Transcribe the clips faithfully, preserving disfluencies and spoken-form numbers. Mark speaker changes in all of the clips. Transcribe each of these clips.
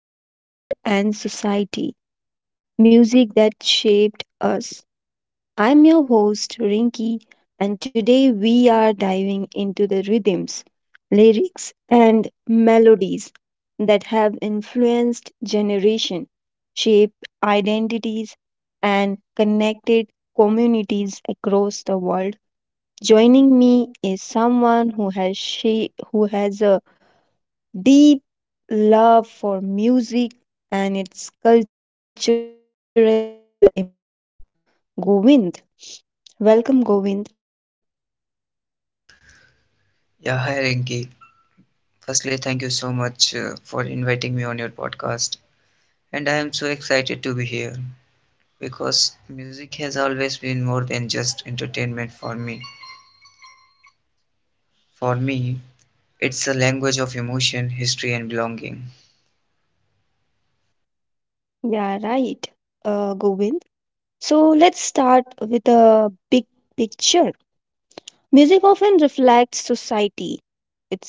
Speaker 1: to Culture and Society, music that shaped us. I'm your host, Rinki, and today we are diving into the rhythms, lyrics, and melodies that have influenced generation, shaped identities, and connected communities across the world. Joining me is someone who has she who has a deep love for music and its cultural impact. Govind, welcome, Govind.
Speaker 2: Yeah, hi Rinki. Firstly, thank you so much uh, for inviting me on your podcast. And I am so excited to be here because music has always been more than just entertainment for me. For me, it's a language of emotion, history, and belonging.
Speaker 1: Yeah, right, uh, Govind. So let's start with a big picture. Music often reflects society,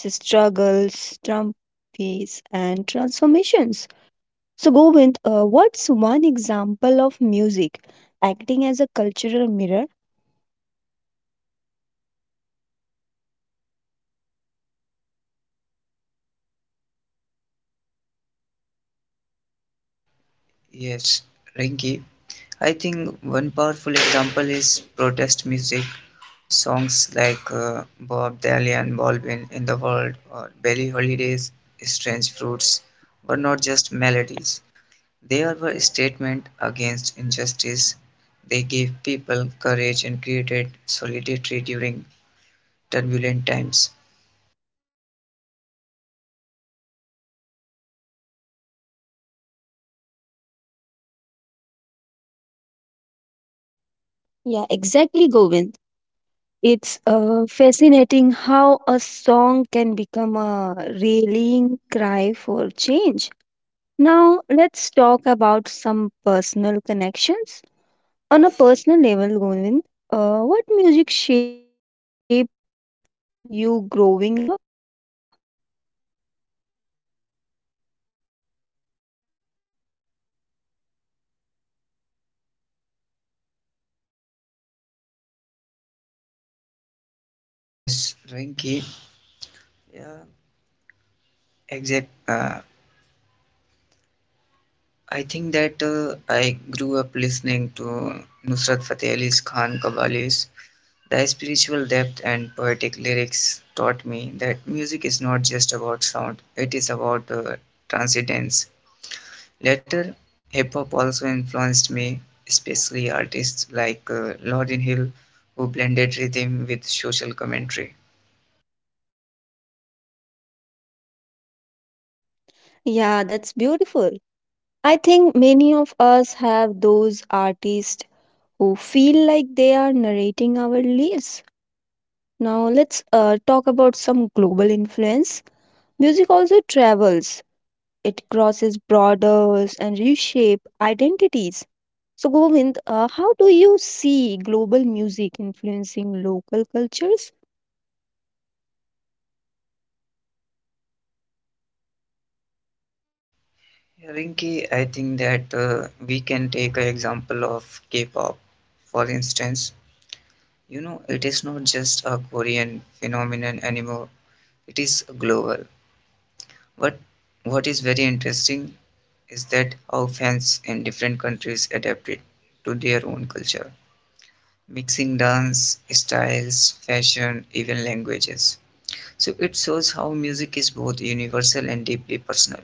Speaker 1: its struggles, triumphs, and transformations. So, Govind, uh, what's one example of music acting as a cultural mirror?
Speaker 2: Yes, Rinki, I think one powerful example is protest music. Songs like uh, Bob Dylan Baldwin in the World or Billie Holiday's Strange Fruits were not just melodies. There were statements against injustice. They gave people courage and created solidarity during turbulent times.
Speaker 1: Yeah, exactly, Govind. It's uh, fascinating how a song can become a rallying cry for change. Now, let's talk about some personal connections. On a personal level, Govind, uh, what music shaped you growing up?
Speaker 2: Yes, Rinki. Yeah, exact. Uh, I think that uh, I grew up listening to Nusrat Fateh Ali Khan Kabalis. The spiritual depth and poetic lyrics taught me that music is not just about sound; it is about uh, transcendence. Later, hip hop also influenced me, especially artists like uh, Lauryn Hill, who blended rhythm with social commentary.
Speaker 1: Yeah, that's beautiful. I think many of us have those artists who feel like they are narrating our lives. Now, let's uh, talk about some global influence. Music also travels. It crosses borders and reshape identities. So Govind, uh, how do you see global music influencing local cultures?
Speaker 2: Rinky, I think that uh, we can take an example of K pop, for instance. You know, it is not just a Korean phenomenon anymore, it is global. What what is very interesting is that how fans in different countries adapt it to their own culture, mixing dance styles, fashion, even languages. So it shows how music is both universal and deeply personal.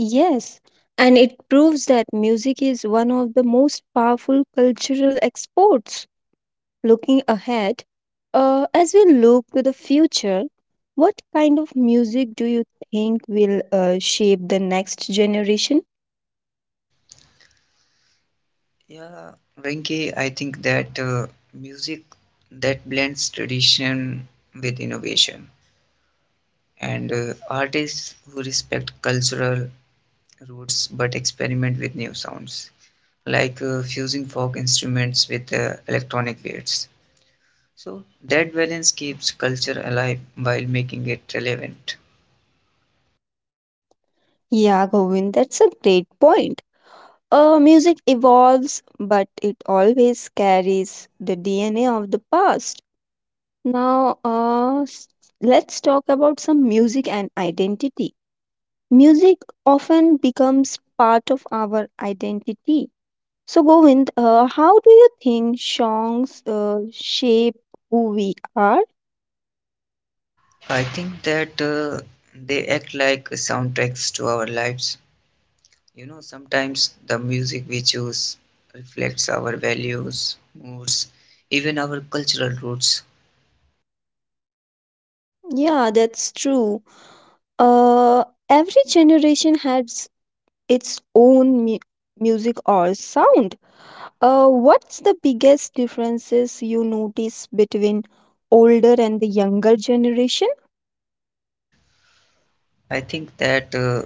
Speaker 1: Yes, and it proves that music is one of the most powerful cultural exports. Looking ahead, uh, as we look to the future, what kind of music do you think will uh, shape the next generation?
Speaker 2: Yeah, Rinki, I think that uh, music that blends tradition with innovation and uh, artists who respect cultural roots but experiment with new sounds, like uh, fusing folk instruments with uh, electronic beats. So that balance keeps culture alive while making it relevant.
Speaker 1: Yeah, Govind, that's a great point. Uh, music evolves, but it always carries the D N A of the past. Now, uh, s- let's talk about some music and identity. Music often becomes part of our identity. So, Govind, uh, how do you think songs uh, shape who we are?
Speaker 2: I think that uh, they act like soundtracks to our lives. You know, sometimes the music we choose reflects our values, moods, even our cultural roots.
Speaker 1: Yeah, that's true. Uh, every generation has its own mu- music or sound. Uh, what's the biggest differences you notice between older and the younger generation?
Speaker 2: I think that uh,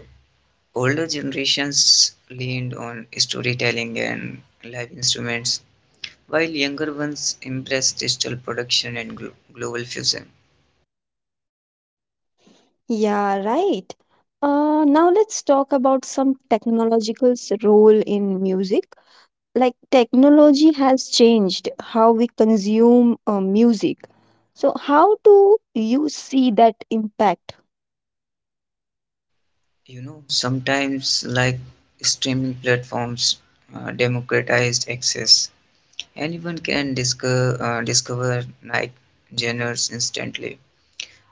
Speaker 2: older generations leaned on storytelling and live instruments, while younger ones embrace digital production and glo- global fusion.
Speaker 1: Yeah, right. Uh, now let's talk about some technological's role in music. Like technology has changed how we consume uh, music. So how do you see that impact?
Speaker 2: You know, sometimes like streaming platforms uh, democratized access. Anyone can discover, uh, discover like genres instantly,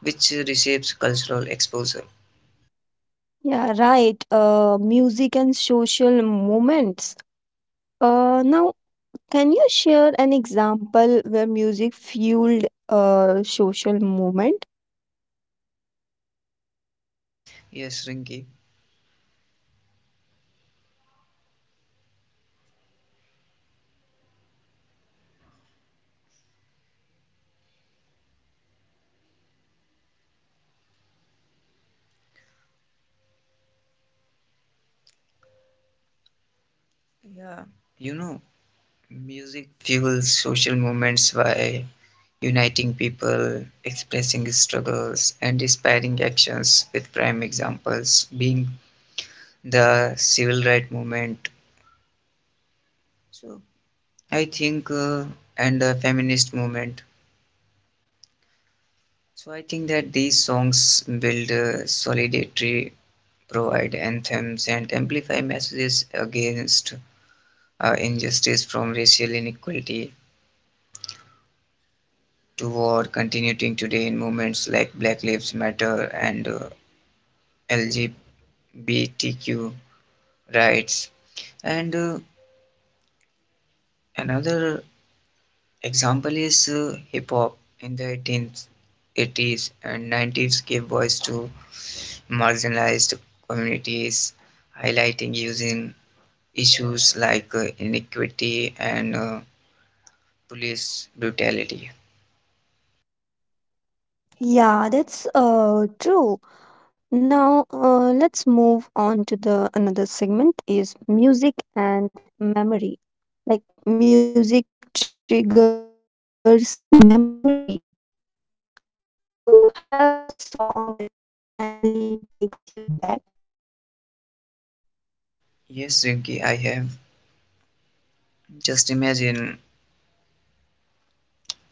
Speaker 2: which reshapes cultural exposure.
Speaker 1: Yeah, right. Uh, music and social moments. Uh, now can you share an example where music fueled a social movement?
Speaker 2: Yes, Rinki. Yeah, you know, music fuels social movements by uniting people, expressing struggles, and inspiring actions, with prime examples being the civil rights movement. So, I think, uh, and the feminist movement. So, I think that these songs build uh, solidarity, provide anthems, and amplify messages against uh, injustice, from racial inequality to war, continuing today in movements like Black Lives Matter and uh, L G B T Q rights. And uh, another example is uh, hip hop in the eighteen eighties and nineties gave voice to marginalized communities, highlighting using issues like uh, inequity and uh, police brutality.
Speaker 1: Yeah, that's uh true. Now uh, let's move on to the another segment is music and memory. Like music triggers memory. Do you have a song that instantly takes you back?
Speaker 2: Yes, Rinki, I have. Just imagine,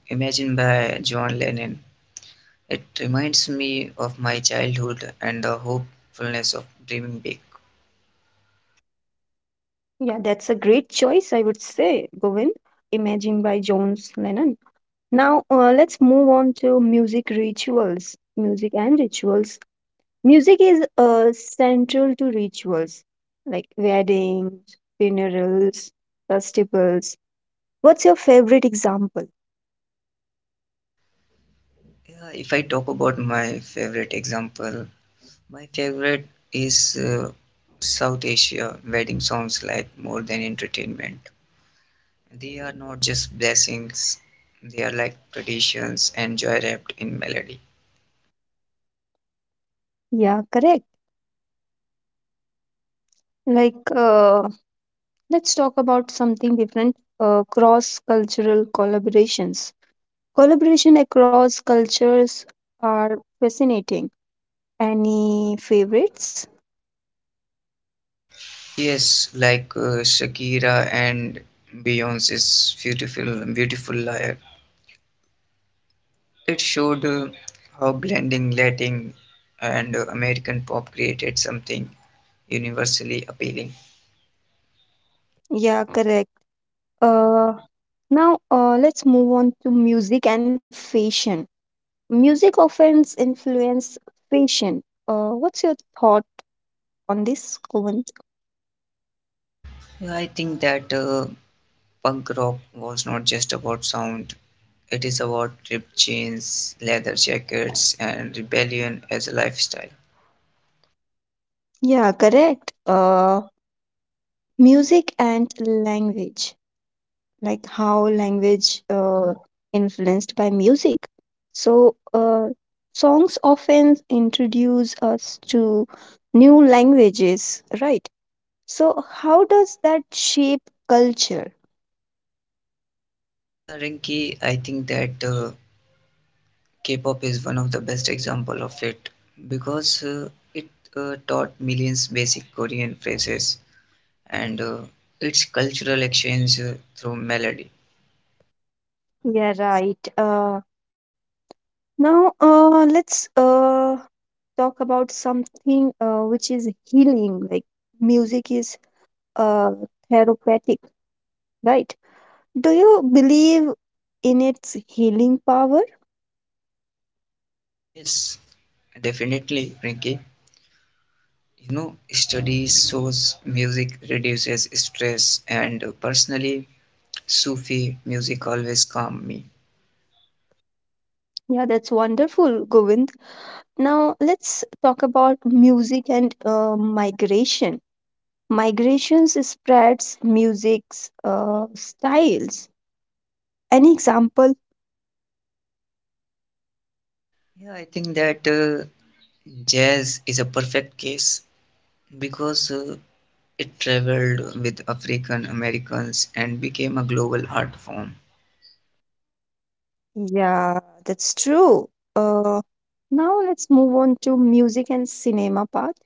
Speaker 2: imagine by John Lennon. It reminds me of my childhood and the hopefulness of dreaming big.
Speaker 1: Yeah, that's a great choice, I would say, Govind. Imagine by Jones Lennon. Now, uh, let's move on to music rituals. Music and rituals. Music is uh, central to rituals like weddings, funerals, festivals. What's your favorite example?
Speaker 2: Yeah, if I talk about my favorite example, my favorite is uh, South Asia wedding songs like More Than Entertainment. They are not just blessings, they are like traditions and joy wrapped in melody.
Speaker 1: Yeah, correct. Like, uh, let's talk about something different uh, cross cultural collaborations. Collaboration across cultures are fascinating. Any favorites?
Speaker 2: Yes, like uh, Shakira and Beyonce's beautiful, beautiful liar. It showed uh, how blending Latin and uh, American pop created something universally appealing.
Speaker 1: Yeah, correct. Uh, now uh, Let's move on to music and fashion. Music often influence fashion. Uh, what's your thought on this, Kuvan?
Speaker 2: Yeah, I think that uh, punk rock was not just about sound. It is about ripped jeans, leather jackets, and rebellion as a lifestyle.
Speaker 1: Yeah, correct. Uh, music and language, like how language uh, influenced by music. So uh, songs often introduce us to new languages, right? So how does that shape culture?
Speaker 2: Yeah, Rinki, I think that uh, K-pop is one of the best example of it because uh, it uh, taught millions basic Korean phrases and uh, its cultural exchange uh, through melody.
Speaker 1: Yeah, right. Uh, Now, uh, let's uh, talk about something uh, which is healing, like music is uh, therapeutic, right? Do you believe in its healing power?
Speaker 2: Yes, definitely, Rinki. You know, studies shows music reduces stress, and uh, personally, Sufi music always calm me.
Speaker 1: Yeah, that's wonderful, Govind. Now, let's talk about music and uh, migration. Migrations spreads music's uh, styles. Any example?
Speaker 2: Yeah, I think that uh, jazz is a perfect case because uh, it traveled with African Americans and became a global art form.
Speaker 1: Yeah, that's true. Uh, now let's move on to music and cinema part.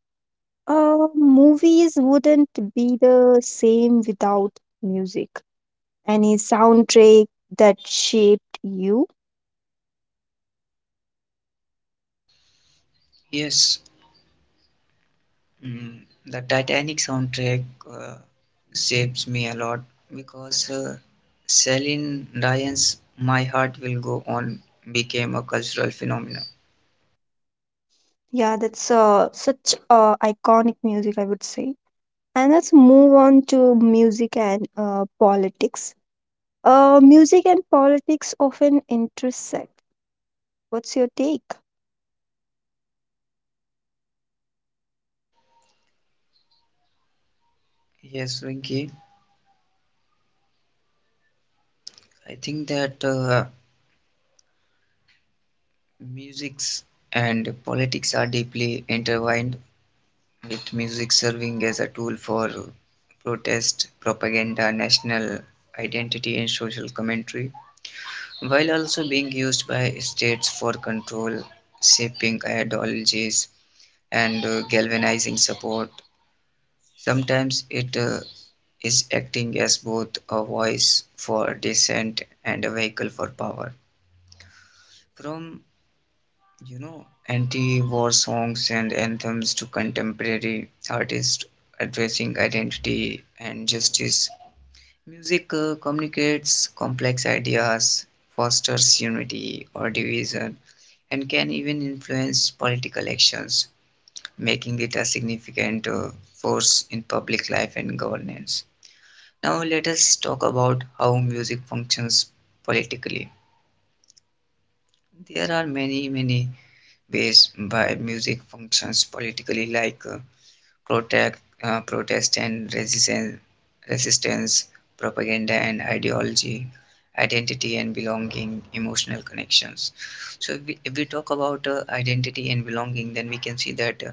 Speaker 1: Uh, movies wouldn't be the same without music. Any soundtrack that shaped you?
Speaker 2: Yes, mm, the Titanic soundtrack uh, saves me a lot because uh, Celine Dion's My Heart Will Go On became a cultural phenomenon.
Speaker 1: Yeah, that's uh, such uh, iconic music, I would say. And let's move on to music and uh, politics. Uh, music and politics often intersect. What's your take?
Speaker 2: Yes, Rinki, I think that uh, musics and politics are deeply intertwined, with music serving as a tool for protest, propaganda, national identity, and social commentary, while also being used by states for control, shaping ideologies, and uh, galvanizing support. Sometimes it uh, is acting as both a voice for dissent and a vehicle for power. From you know, anti-war songs and anthems to contemporary artists addressing identity and justice. Music uh, communicates complex ideas, fosters unity or division, and can even influence political actions, making it a significant uh, force in public life and governance. Now, let us talk about how music functions politically. There are many, many based by music functions politically, like uh, protect, uh, protest and resistance, resistance, propaganda and ideology, identity and belonging, emotional connections. So if we, if we talk about uh, identity and belonging, then we can see that uh,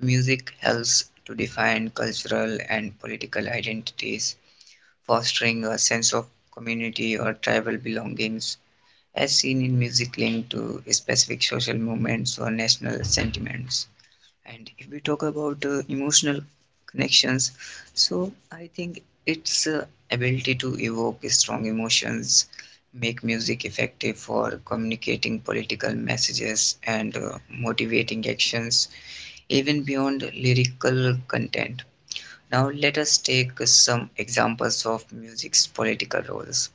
Speaker 2: music helps to define cultural and political identities, fostering a sense of community or tribal belongings as seen in music linked to specific social movements or national sentiments. And if we talk about uh, emotional connections, so I think its uh, ability to evoke strong emotions make music effective for communicating political messages and uh, motivating actions even beyond lyrical content. Now let us take some examples of music's political roles.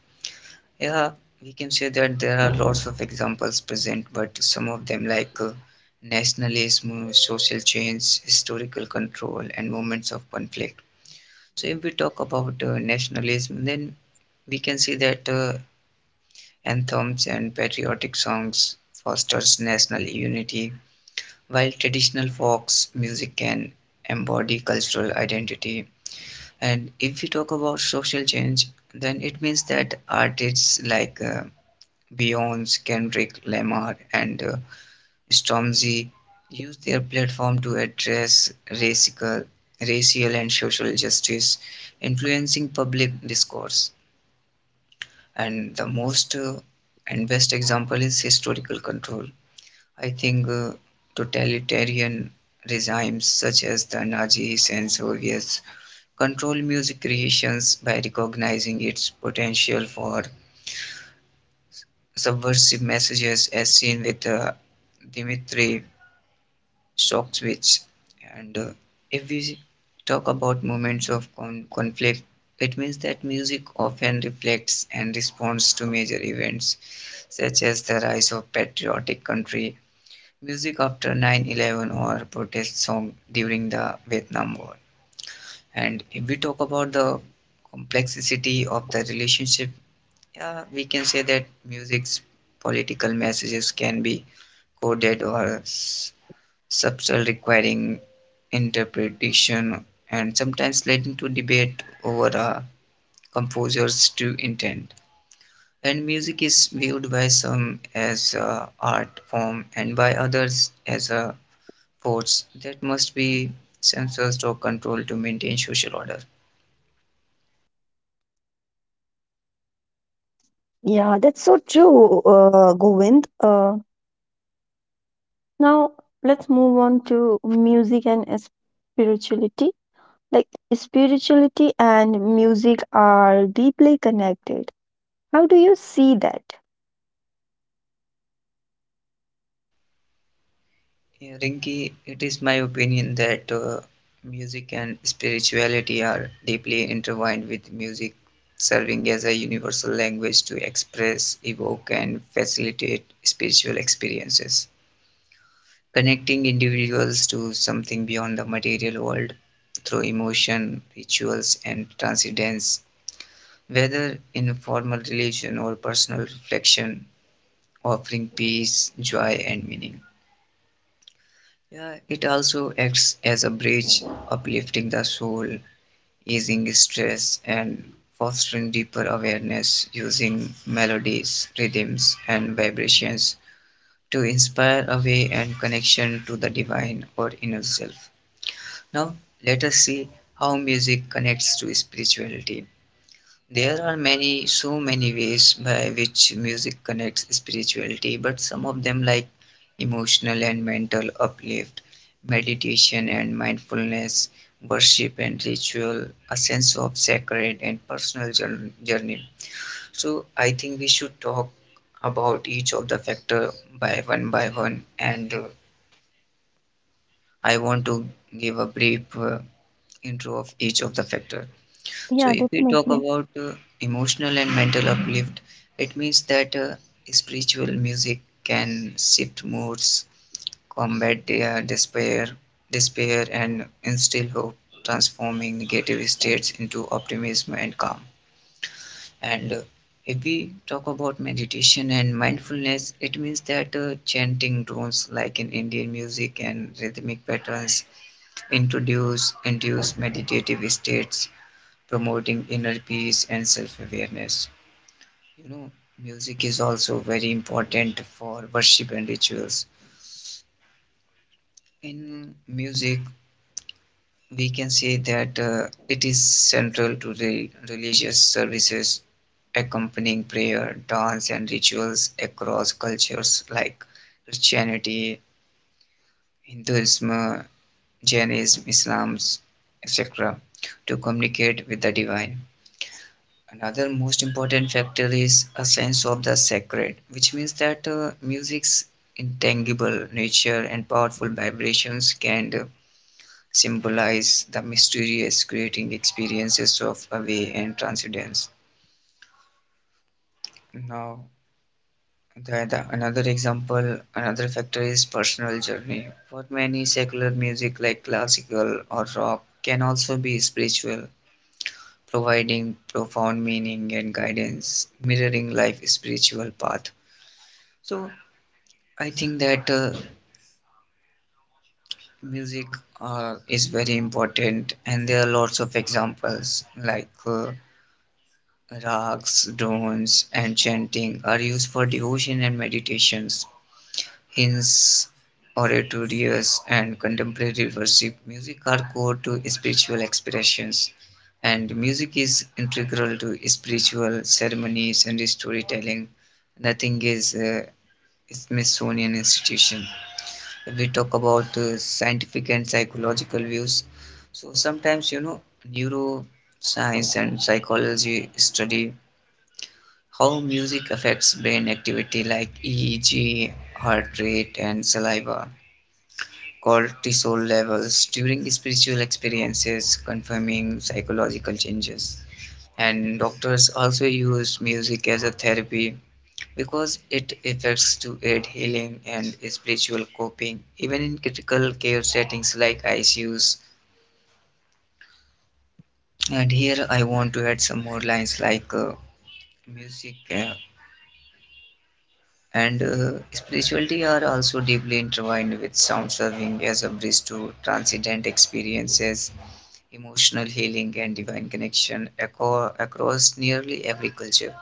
Speaker 2: Yeah, we can say that there are lots of examples present, but some of them, like uh, nationalism, social change, historical control, and moments of conflict. So, if we talk about uh, nationalism, then we can see that uh, anthems and patriotic songs fosters national unity, while traditional folk music can embody cultural identity. And if we talk about social change, then it means that artists like uh, Beyonce, Kendrick Lamar, and uh, Stormzy used their platform to address racial, racial and social justice, influencing public discourse. And the most uh, and best example is historical control. I think uh, totalitarian regimes such as the Nazis and Soviets control music creations by recognizing its potential for subversive messages, as seen with uh, Dimitri shock switch. And uh, if we talk about moments of con- conflict, it means that music often reflects and responds to major events, such as the rise of patriotic country music after nine eleven or protest song during the Vietnam War. And if we talk about the complexity of the relationship, yeah, we can say that music's political messages can be coded or s- subtle, requiring interpretation and sometimes leading to debate over a composer's true intent. And music is viewed by some as a art form and by others as a force that must be censored or controlled to maintain social order.
Speaker 1: Yeah, that's so true, uh, Govind. Uh, Now let's move on to music and spirituality. Like spirituality and music are deeply connected. How do you see that?
Speaker 2: Yeah, Rinki, it is my opinion that uh, music and spirituality are deeply intertwined, with music serving as a universal language to express, evoke, and facilitate spiritual experiences, connecting individuals to something beyond the material world through emotion, rituals, and transcendence, whether in formal religion or personal reflection, offering peace, joy, and meaning. Yeah, it also acts as a bridge, uplifting the soul, easing stress, and fostering deeper awareness using melodies, rhythms, and vibrations to inspire awe and connection to the divine or inner self. Now, let us see how music connects to spirituality. There are many, so many ways by which music connects spirituality, but some of them, like emotional and mental uplift, meditation and mindfulness, worship and ritual, a sense of sacred and personal jour- journey. So, I think we should talk about each of the factor by one by one, and uh, I want to give a brief uh, intro of each of the factor. So
Speaker 1: Yeah,
Speaker 2: if we talk
Speaker 1: definitely.
Speaker 2: about uh, emotional and mental uplift, it means that uh, spiritual music can shift moods, combat their despair, despair and instill hope, transforming negative states into optimism and calm. And uh, if we talk about meditation and mindfulness, it means that uh, chanting tones like in Indian music and rhythmic patterns introduce induce meditative states, promoting inner peace and self awareness. You know, music is also very important for worship and rituals. In music, we can say that uh, it is central to the religious services, accompanying prayer, dance, and rituals across cultures like Christianity, Hinduism, Jainism, Islam, et cetera, to communicate with the divine. Another most important factor is a sense of the sacred, which means that uh, music's intangible nature and powerful vibrations can uh, symbolize the mysterious, creating experiences of awe and transcendence. Now, the, the, another example, another factor is personal journey. For many, secular music like classical or rock can also be spiritual, providing profound meaning and guidance, mirroring life's spiritual path. So I think that uh, music uh, is very important, and there are lots of examples like uh, rags, dones, and chanting are used for devotion and meditations. Hymns, oratorios, and contemporary worship music are core to spiritual expressions, and music is integral to spiritual ceremonies and storytelling. Nothing is a Smithsonian institution. We talk about uh, scientific and psychological views, so sometimes you know neuroscience and psychology study how music affects brain activity like E E G, heart rate, and saliva cortisol levels during spiritual experiences, confirming psychological changes. And doctors also use music as a therapy because it affects to aid healing and spiritual coping even in critical care settings like I C Us. And here I want to add some more lines like uh, music uh, and uh, spirituality are also deeply intertwined with sound serving as a bridge to transcendent experiences, emotional healing, and divine connection aco- across nearly every culture.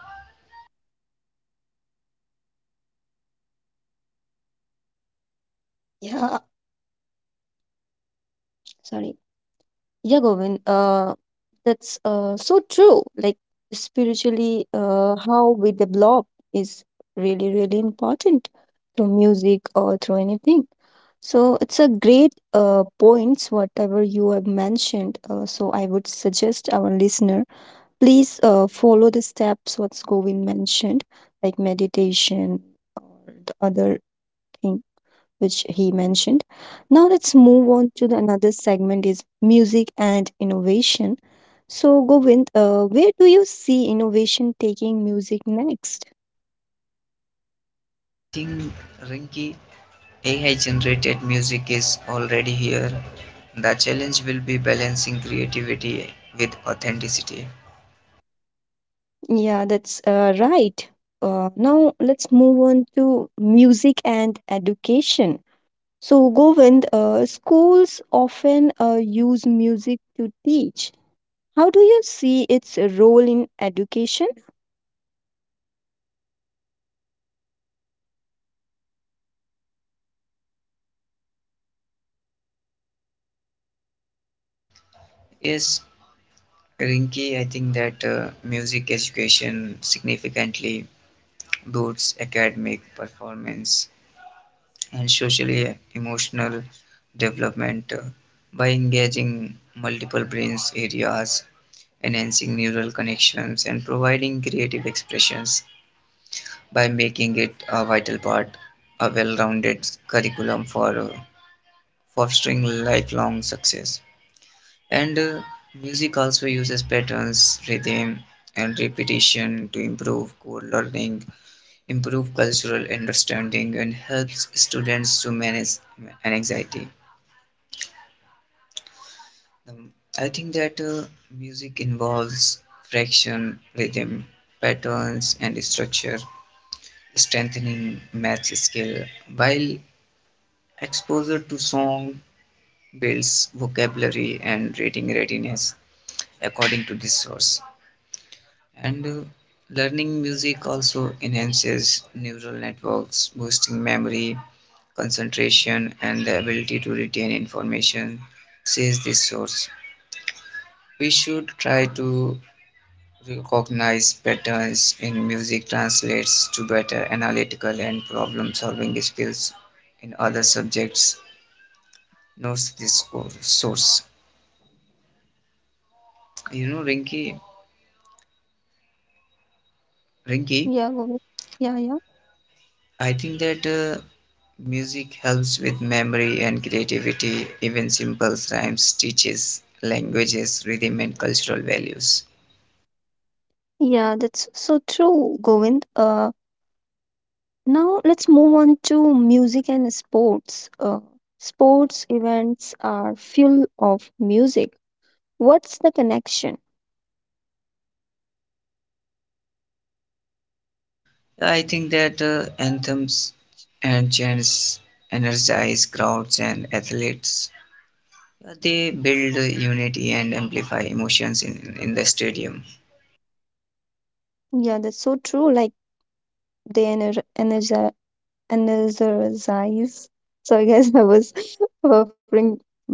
Speaker 1: Yeah, sorry. Yeah, Govind, uh, that's uh, so true. Like spiritually, uh, how we develop is really, really important through music or through anything. So it's a great uh, points whatever you have mentioned. Uh, so I would suggest our listener please uh, follow the steps what's Govind mentioned, like meditation or the other thing which he mentioned. Now let's move on to the another segment is music and innovation. So Govind, uh, where do you see innovation taking music next?
Speaker 2: Yeah, I think Rinki A I-generated music is already here. The challenge will be balancing creativity with authenticity.
Speaker 1: Yeah, that's uh, right. Uh, now let's move on to music and education. So Govind, uh, schools often uh, use music to teach. How do you see its role in education?
Speaker 2: Yes, Rinki, I think that uh, music education significantly boosts academic performance and socially emotional development uh, by engaging multiple brain areas, enhancing neural connections, and providing creative expressions, by making it a vital part a well-rounded curriculum for uh, fostering lifelong success. And uh, music also uses patterns, rhythm, and repetition to improve core learning, improve cultural understanding, and helps students to manage an anxiety. um, I think that uh, music involves fraction, rhythm, patterns, and structure, strengthening math skill, while exposure to song builds vocabulary and reading readiness, according to this source. And uh, learning music also enhances neural networks, boosting memory, concentration, and the ability to retain information, says this source. We should try to recognize patterns in music translates to better analytical and problem solving skills in other subjects, notes this source. You know, Rinky,
Speaker 1: Yeah,
Speaker 2: Rinky,
Speaker 1: Govind. Yeah, yeah.
Speaker 2: I think that uh, music helps with memory and creativity. Even simple rhymes teaches languages, rhythm, and cultural values.
Speaker 1: Yeah, that's so true, Govind. Uh, now let's move on to music and sports. Uh, sports events are full of music. What's the connection?
Speaker 2: I think that uh, anthems and chants energize crowds and athletes. Uh, They build uh, unity and amplify emotions in, in the stadium.
Speaker 1: Yeah, that's so true. Like they ener energi energize. Sorry, guys, I was buffering, but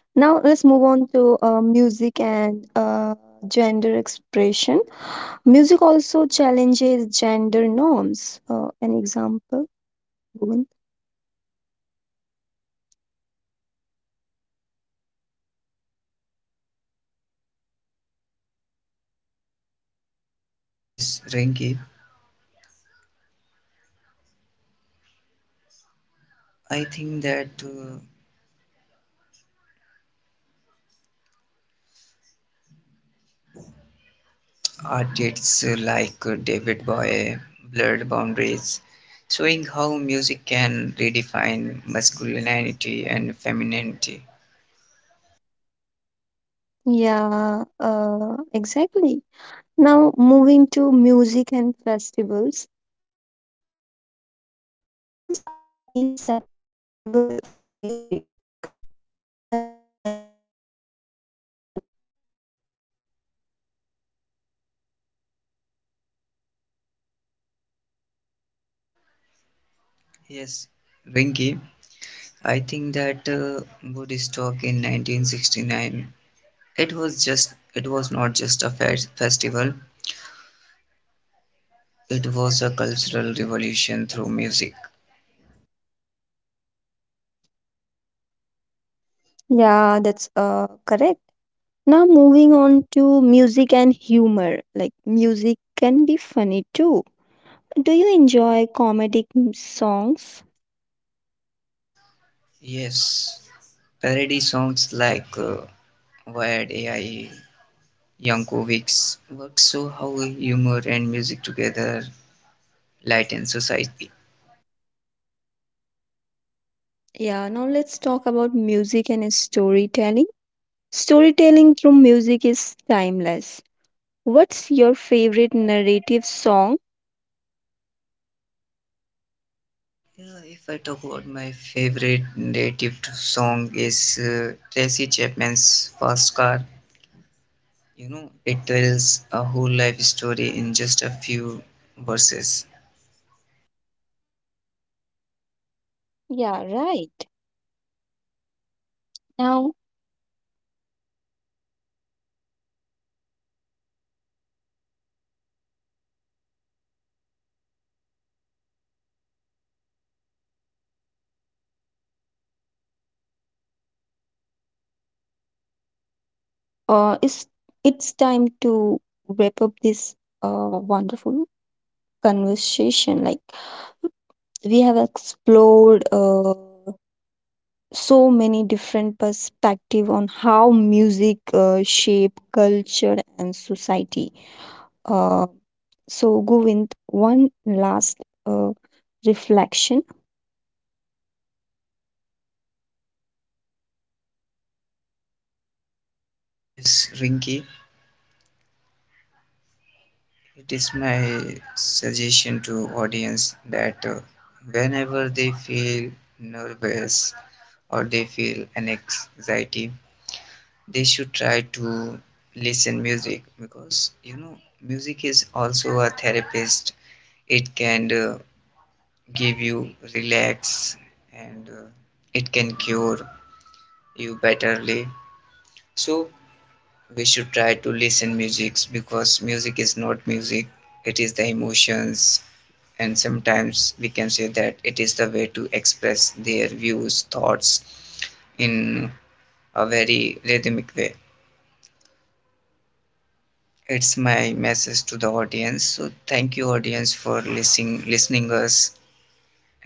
Speaker 1: now let's move on to uh, music and uh, gender expression. Music also challenges gender norms. Uh, an example. Bhuvan?
Speaker 2: Yes, Rinky, I think that. Uh, artists like David Bowie, Blurred Boundaries, showing how music can redefine masculinity and femininity.
Speaker 1: Yeah, uh, exactly. Now moving to music and festivals. Festivals are inseparable from music. Which one stands out to you?
Speaker 2: Yes, Ringy, I think that uh, Woodstock in nineteen sixty-nine, it was just it was not just a fe- festival, it was a cultural revolution through music.
Speaker 1: Yeah, that's uh, correct. Now, moving on to music and humor. Like, music can be funny too. Do you enjoy comedic m- songs?
Speaker 2: Yes, parody songs like uh, Wired A I Yankovic's works show how humor and music together lighten society.
Speaker 1: Yeah, now let's talk about music and storytelling. Storytelling through music is timeless. What's your favorite narrative song?
Speaker 2: Yeah, if I talk about my favorite native to song is uh, Tracy Chapman's Fast Car. You know, it tells a whole life story in just a few verses.
Speaker 1: Yeah, right. Now, uh, it's, it's time to wrap up this uh, wonderful conversation. Like, we have explored. Uh, so many different perspective on how music uh, shape culture and society, uh, so Govind, one last uh, reflection.
Speaker 2: Yes, Rinky, it is my suggestion to audience that uh, whenever they feel nervous or they feel an anxiety, they should try to listen music because you know music is also a therapist. It can uh, give you relax and uh, it can cure you betterly. So we should try to listen musics because music is not music, it is the emotions, and sometimes we can say that it is the way to express their views thoughts in a very rhythmic way. It's my message to the audience. So thank you audience for listening listening us,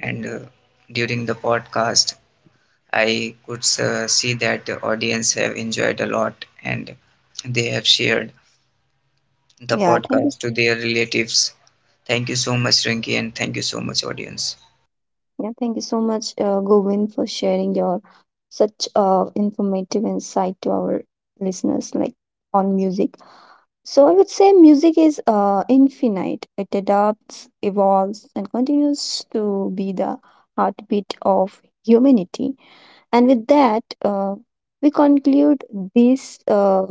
Speaker 2: and uh, during the podcast I could uh, see that the audience have enjoyed a lot and they have shared the
Speaker 1: yeah thank you
Speaker 2: podcast
Speaker 1: s-
Speaker 2: to their relatives. Thank you so much Rinki, and thank you so much audience.
Speaker 1: yeah, thank you so much uh, Govind, for sharing your such uh, informative insight to our listeners like on music. So I would say music is uh, infinite. It adapts, evolves, and continues to be the heartbeat of humanity. And with that, uh, we conclude this uh,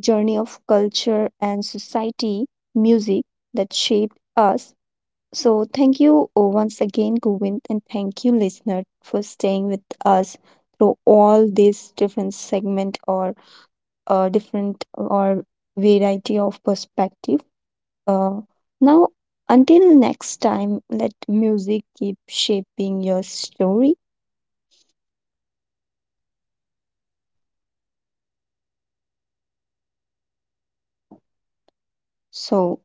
Speaker 1: journey of culture and society, music that shaped us. So, thank you uh, once again, Govind, and thank you, listener, for staying with us through all these different segment or uh, different or variety of perspective. Uh, Now, until next time, let music keep shaping your story. So,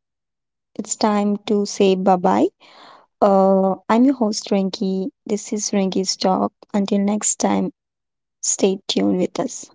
Speaker 1: it's time to say bye bye. Uh, I'm your host Rinki. This is Rinki's Talk. Until next time, stay tuned with us.